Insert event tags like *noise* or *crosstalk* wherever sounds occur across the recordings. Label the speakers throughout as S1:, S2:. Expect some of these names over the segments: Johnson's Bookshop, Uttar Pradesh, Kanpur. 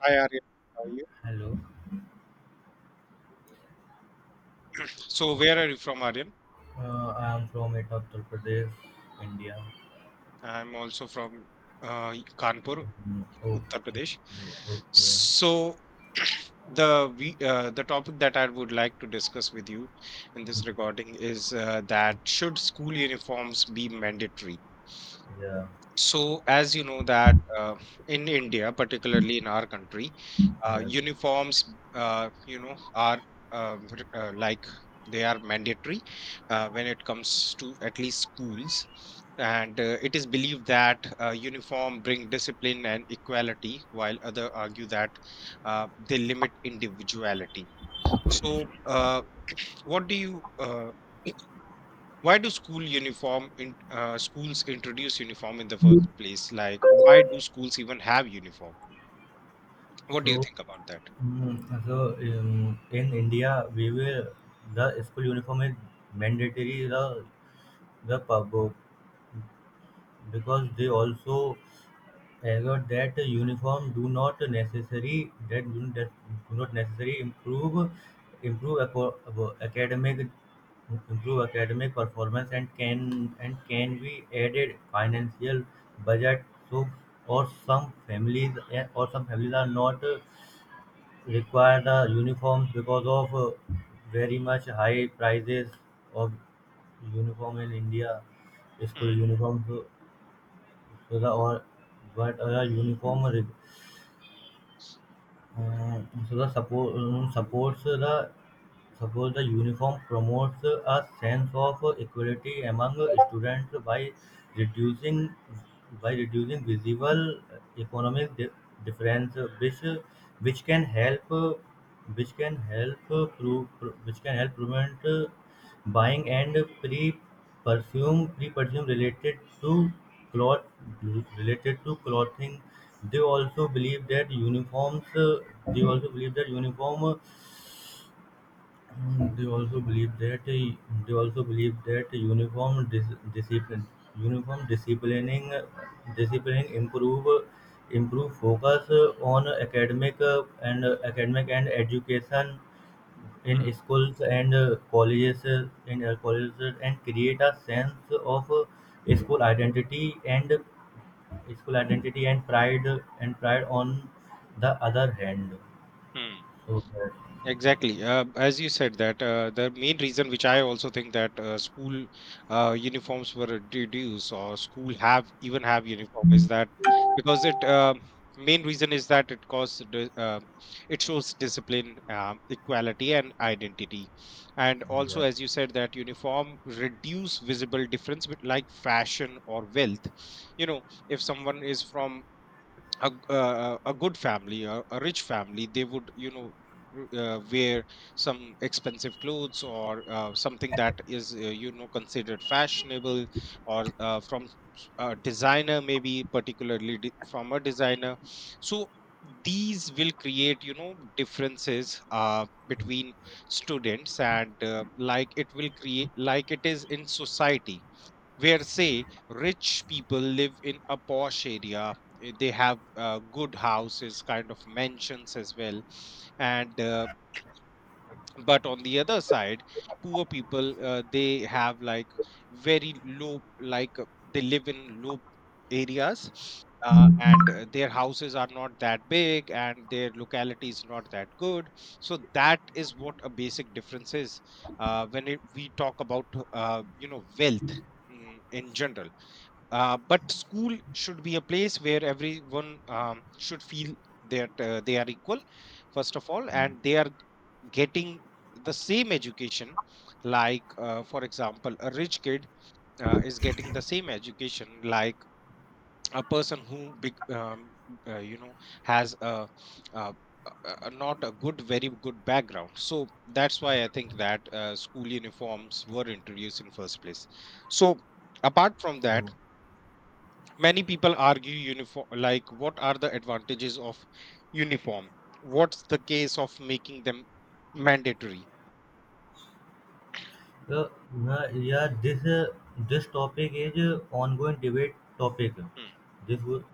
S1: Hi Aryan, how are you?
S2: Hello,
S1: So where are you from, Aryan?
S2: I'm from Uttar Pradesh, India.
S1: I'm also from uh, Kanpur,
S2: Mm,
S1: Uttar
S2: okay,
S1: Pradesh.
S2: okay,
S1: So *clears throat* the topic that I would like to discuss with you in this recording is that should school uniforms be mandatory?
S2: yeah,
S1: So, as you know that in India, particularly in our country,
S2: yeah.
S1: uniforms, are uh, r- like they are mandatory when it comes to at least schools. And it is believed that uniform bring discipline and equality, while other argue that they limit individuality. So, what do you *clears throat* Why do school uniform in schools introduce uniform in the first place? Like, why do schools even have uniform? What do you
S2: So,
S1: think about that?
S2: so in India, we will the school uniform is mandatory the pub because they also. However, that uniform do not necessary that do that do not necessary improve improve aco- abo- academic improve academic performance, and can be added financial budget. So, or some families are not require the uniforms because of very much high prices of uniform in India,
S1: Mm,
S2: school uniforms. So, so the or but uniform re- so the support supports the. Suppose the uniform promotes a sense of equality among students by reducing, visible economic di- difference, which can help which can help pro, pro- which can help prevent buying and pre perfume related to cloth related to clothing. They also believe that uniforms they also believe that uniform Mm, They also believe that a- they also believe that uniform dis- discipline, uniform disciplining disciplining improve, focus on academic, and academic and education in
S1: mm,
S2: schools and colleges, in colleges, and create a sense of school identity and school identity and pride, on the other hand.
S1: mm.
S2: So that,
S1: Exactly. As you said that the main reason, which I also think, that school uniforms were reduced, or school have even have uniform, is that, because it main reason is that, it shows discipline, equality, and identity, and also,
S2: yeah.
S1: as you said, that uniform reduce visible difference with, like, fashion or wealth. You know, if someone is from a good family, a rich family, they would, wear some expensive clothes, or something that is, considered fashionable, or from a designer, maybe, particularly from a designer. So these will create, differences between students, and like it will create, like it is in society, where, say, rich people live in a posh area, they have good houses, kind of mansions as well. And But on the other side, poor people, they have, like, very low, like, they live in low areas, and their houses are not that big, and their locality is not that good. So that is what a basic difference is, when we talk about, wealth in general. But school should be a place where everyone, should feel that they are equal, first of all, and they are getting the same education. Like, for example, a rich kid is getting the same education, like a person who, uh, you know, has a, a a not very good background. So that's why I think that school uniforms were introduced in first place. So, apart from that,
S2: So
S1: many people argue uniform, like, what are the advantages of uniform, what's the case of making them mandatory?
S2: Uh, nah, yeah, this topic is ongoing debate topic.
S1: Mm,
S2: This wo-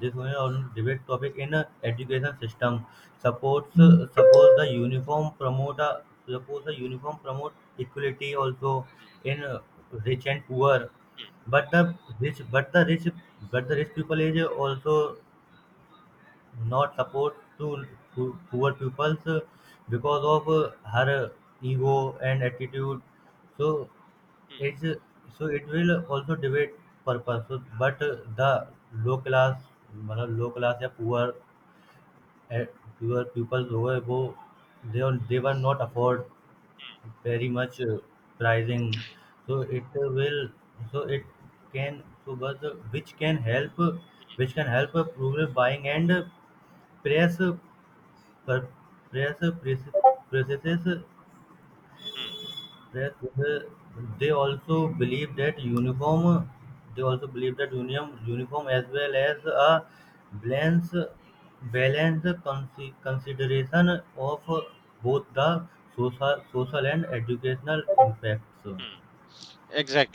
S2: this one is on debate topic in education system. Suppose uh, suppose the uniform promote uh, suppose the uniform promote equality also
S1: mm,
S2: in rich and poor,
S1: mm,
S2: but rich but the rich the rich people is also not support to poor peoples because of her ego and attitude. So it's
S1: mm,
S2: uh, it will also debate purpose, so but the low class, मतलब low class या poor, uh, poor people जो है वो they are- they were not afford very much pricing. So it will, so it can so but which can help rural buying and press per- press press- processes
S1: mm,
S2: that. uh, they also believe that uniform they also believe that uniform as well as a balance balance consideration of both the social social and educational impacts.
S1: mm.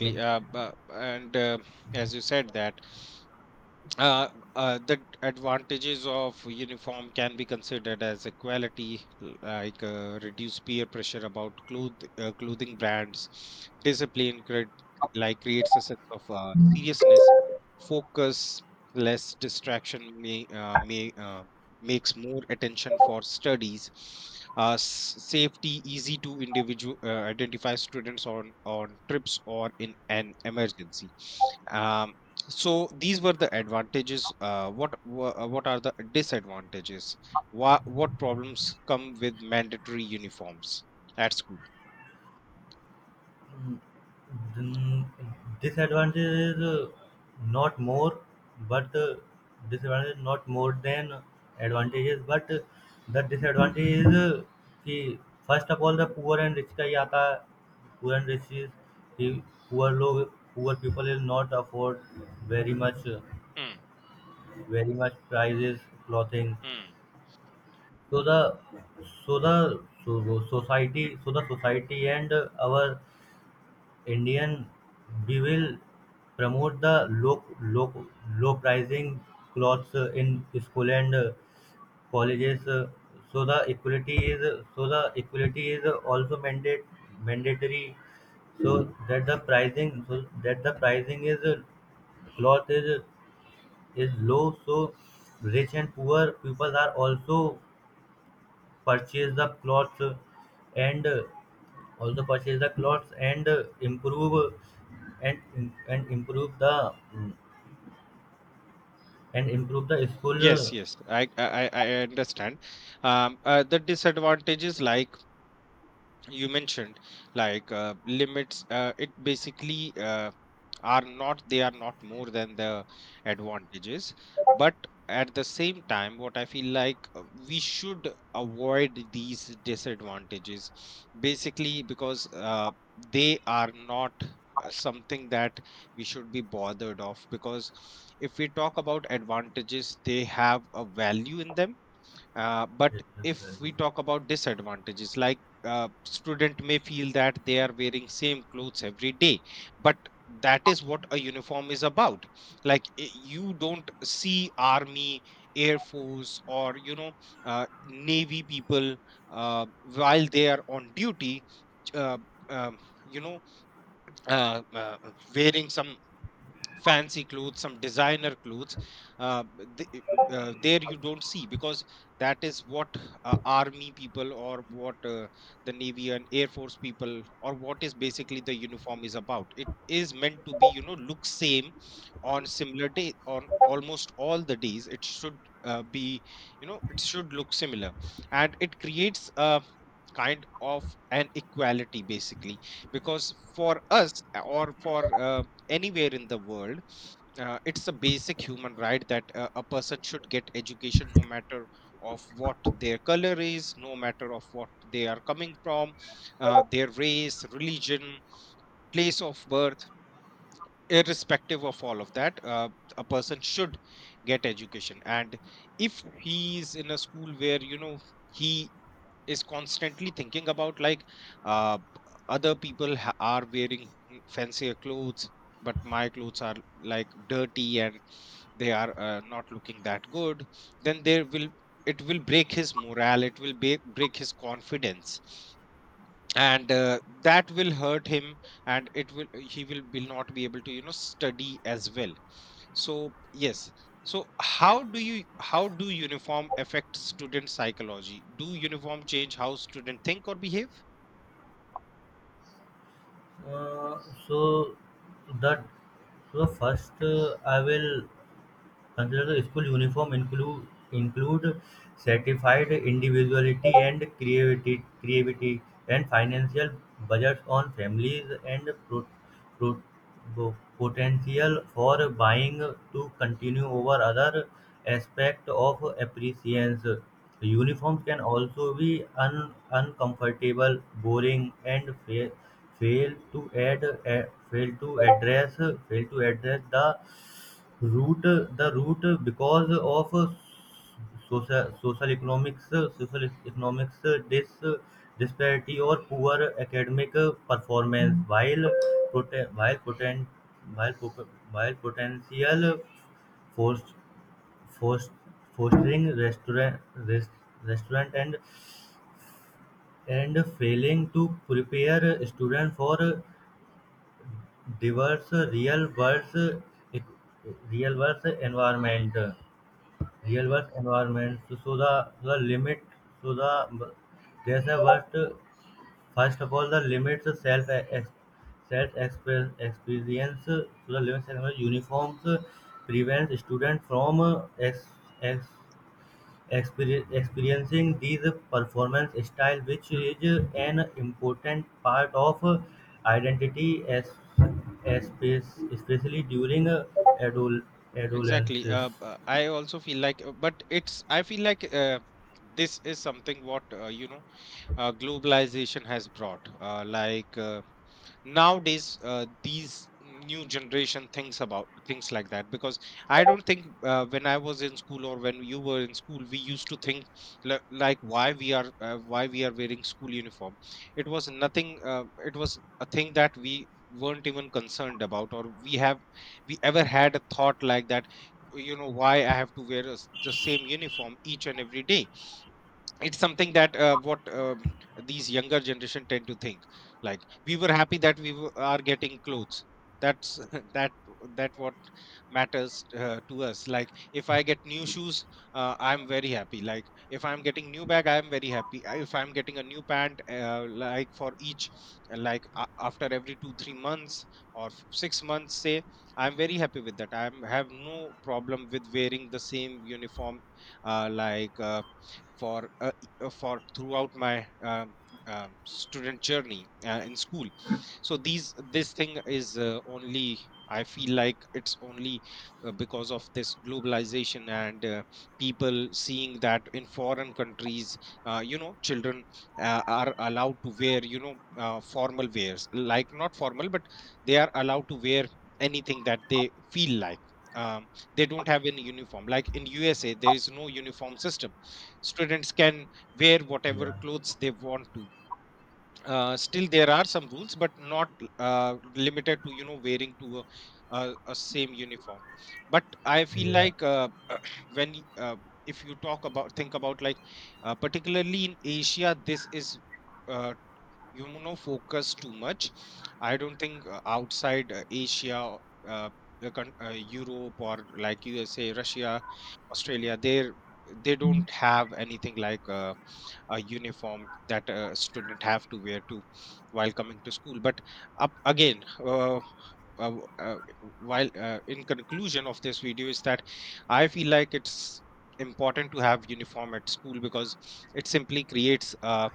S2: So,
S1: And as you said that, Uh, the advantages of uniform can be considered as equality, like reduce peer pressure about clothing brands, discipline, like creates a sense of seriousness, focus, less distraction, may makes more attention for studies. Safety, easy to individual identify students on trips or in an emergency. Um, so these were the advantages. What are the disadvantages? What problems come with mandatory uniforms at school?
S2: mm, then disadvantage is not more, but disadvantage is not more than advantages, but the disadvantage is कि first of all the poor and rich का ही आता है, poor and rich is कि poor लोग poor people will not afford very much
S1: Mm,
S2: prices clothing.
S1: mm.
S2: So the so the so so- society so the society and our Indian Bewill promote the low pricing clothes in school and colleges. So the equality is the equality is also mandate mandatory, so that the pricing is cloth is low, so rich and poor people are also purchase the clothes, and also purchase the clothes and improve and and improve the mm, improve the
S1: Yes,
S2: school.
S1: yes, I understand. The disadvantages, like you mentioned, like limits, it basically, are not they are not more than the advantages, but at the same time, what I feel, like, we should avoid these disadvantages, basically, because they are not something that we should be bothered of, because if we talk about advantages, they have a value in them, but
S2: uh,
S1: if we talk about disadvantages, like, student may feel that they are wearing same clothes every day, but that is what a uniform is about. Like, you don't see army, air force, or, navy people while they are on duty. Uh, um, you know, uh, uh, Wearing some fancy clothes, some designer clothes. Uh, th- there you don't see, because that is what army people, or what the navy and air force people, or what is basically the uniform is about. It is meant to be, look same on similar day on almost all the days. It should be, it should look similar, and it creates a kind of an equality, basically, because for us, or for, anywhere in the world, it's a basic human right, that a person should get education, no matter of what their color is, no matter of what they are coming from, their race, religion, place of birth, irrespective of all of that, a person should get education. And if he is in a school where, he is constantly thinking about, like, uh, other people, are wearing fancier clothes, but my clothes are, like, dirty and they are not looking that good, then, there will it will break his morale, it will, break his confidence, and that will hurt him, and, it will he will not be able to, study as well. So, yes, so how do uniform affect student psychology? Do uniform change how student think or behave?
S2: uh, so that so first I will consider the school uniform include, include certified individuality and creativity and financial budgets on families, and pro, potential for buying to continue over other aspect of
S1: Mm,
S2: appreciance. Uniforms can also be uncomfortable, boring, and fail to add, a- fail to address the route. The route, because of social economics, dis disparity or poor academic performance, while prote- while potent while po- potential forced forced fostering restaurant, and failing to prepare students for diverse real-world real world environment. Real work environment. So, so the limit so the there's a what. First of all, the limits the self ex- self express experience, so the limits and the uniforms prevents student from ex, experiencing these performance style, which is an important part of identity, as, especially during adol-
S1: mm. Exactly.
S2: adolescence.
S1: I also feel, like, but it's I feel like, this is something, what you know globalization has brought, like, nowadays, these new generation thinks about things like that, because I don't think, when I was in school or when you were in school, we used to think, like, why we are, why we are wearing school uniform. It was nothing, it was a thing that we weren't even concerned about, or we ever had a thought like that, why I have to wear a s the same uniform each and every day. It's something that, what these younger generation tend to think, like, we were happy that are getting clothes. That's *laughs* that that what matters to us. Like, if I get new shoes, I'm very happy. Like, if I'm getting new bag, I'm very happy. If I'm getting a new pant, like for each, like, a after every 2 3 months, or 6 months say, I'm very happy with that, I am have no problem with wearing the same uniform, like, for, for throughout my, student journey in school. So these this thing is, only, I feel like it's only because of this globalization, and people seeing that in foreign countries, children are allowed to wear, formal wears, like, not formal, but they are allowed to wear anything that they feel like. um, they don't have any uniform, like in USA there is no uniform system, students can wear whatever
S2: Yeah.
S1: clothes they want to. Still there are some rules, but not limited to, wearing to a same uniform. But I feel
S2: Yeah.
S1: like, *clears throat* when y- uh, if you, talk about think about, like, particularly in Asia, this is, uh, focus too much. I don't think outside Asia, uh, the coun- uh, Europe or like USA, Russia, Australia, they don't have anything like a uniform that a student have to wear to while coming to school. But up again, uh, uh, uh, while, in conclusion of this video, is that, I feel like it's important to have uniform at school, because it simply creates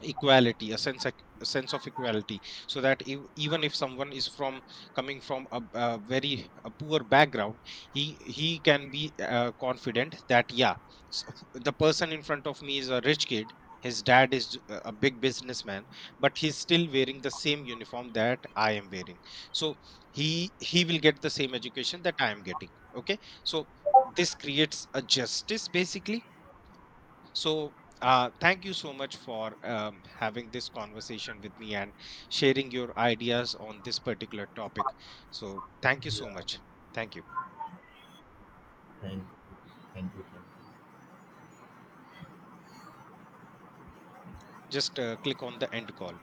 S1: equality, a sense, a sense of equality, so that if, even if someone is, from coming from a very a poor background, he, can be confident that, yeah, so the person in front of me is a rich kid, his dad is, a big businessman, but he's still wearing the same uniform that I am wearing. So he, will get the same education that I am getting, okay. So this creates a justice, basically. So, thank you so much for, having this conversation with me and sharing your ideas on this particular topic. So, thank you so
S2: Yeah.
S1: much. Thank you.
S2: Thank you. Thank you. Thank you.
S1: Just click on the end call.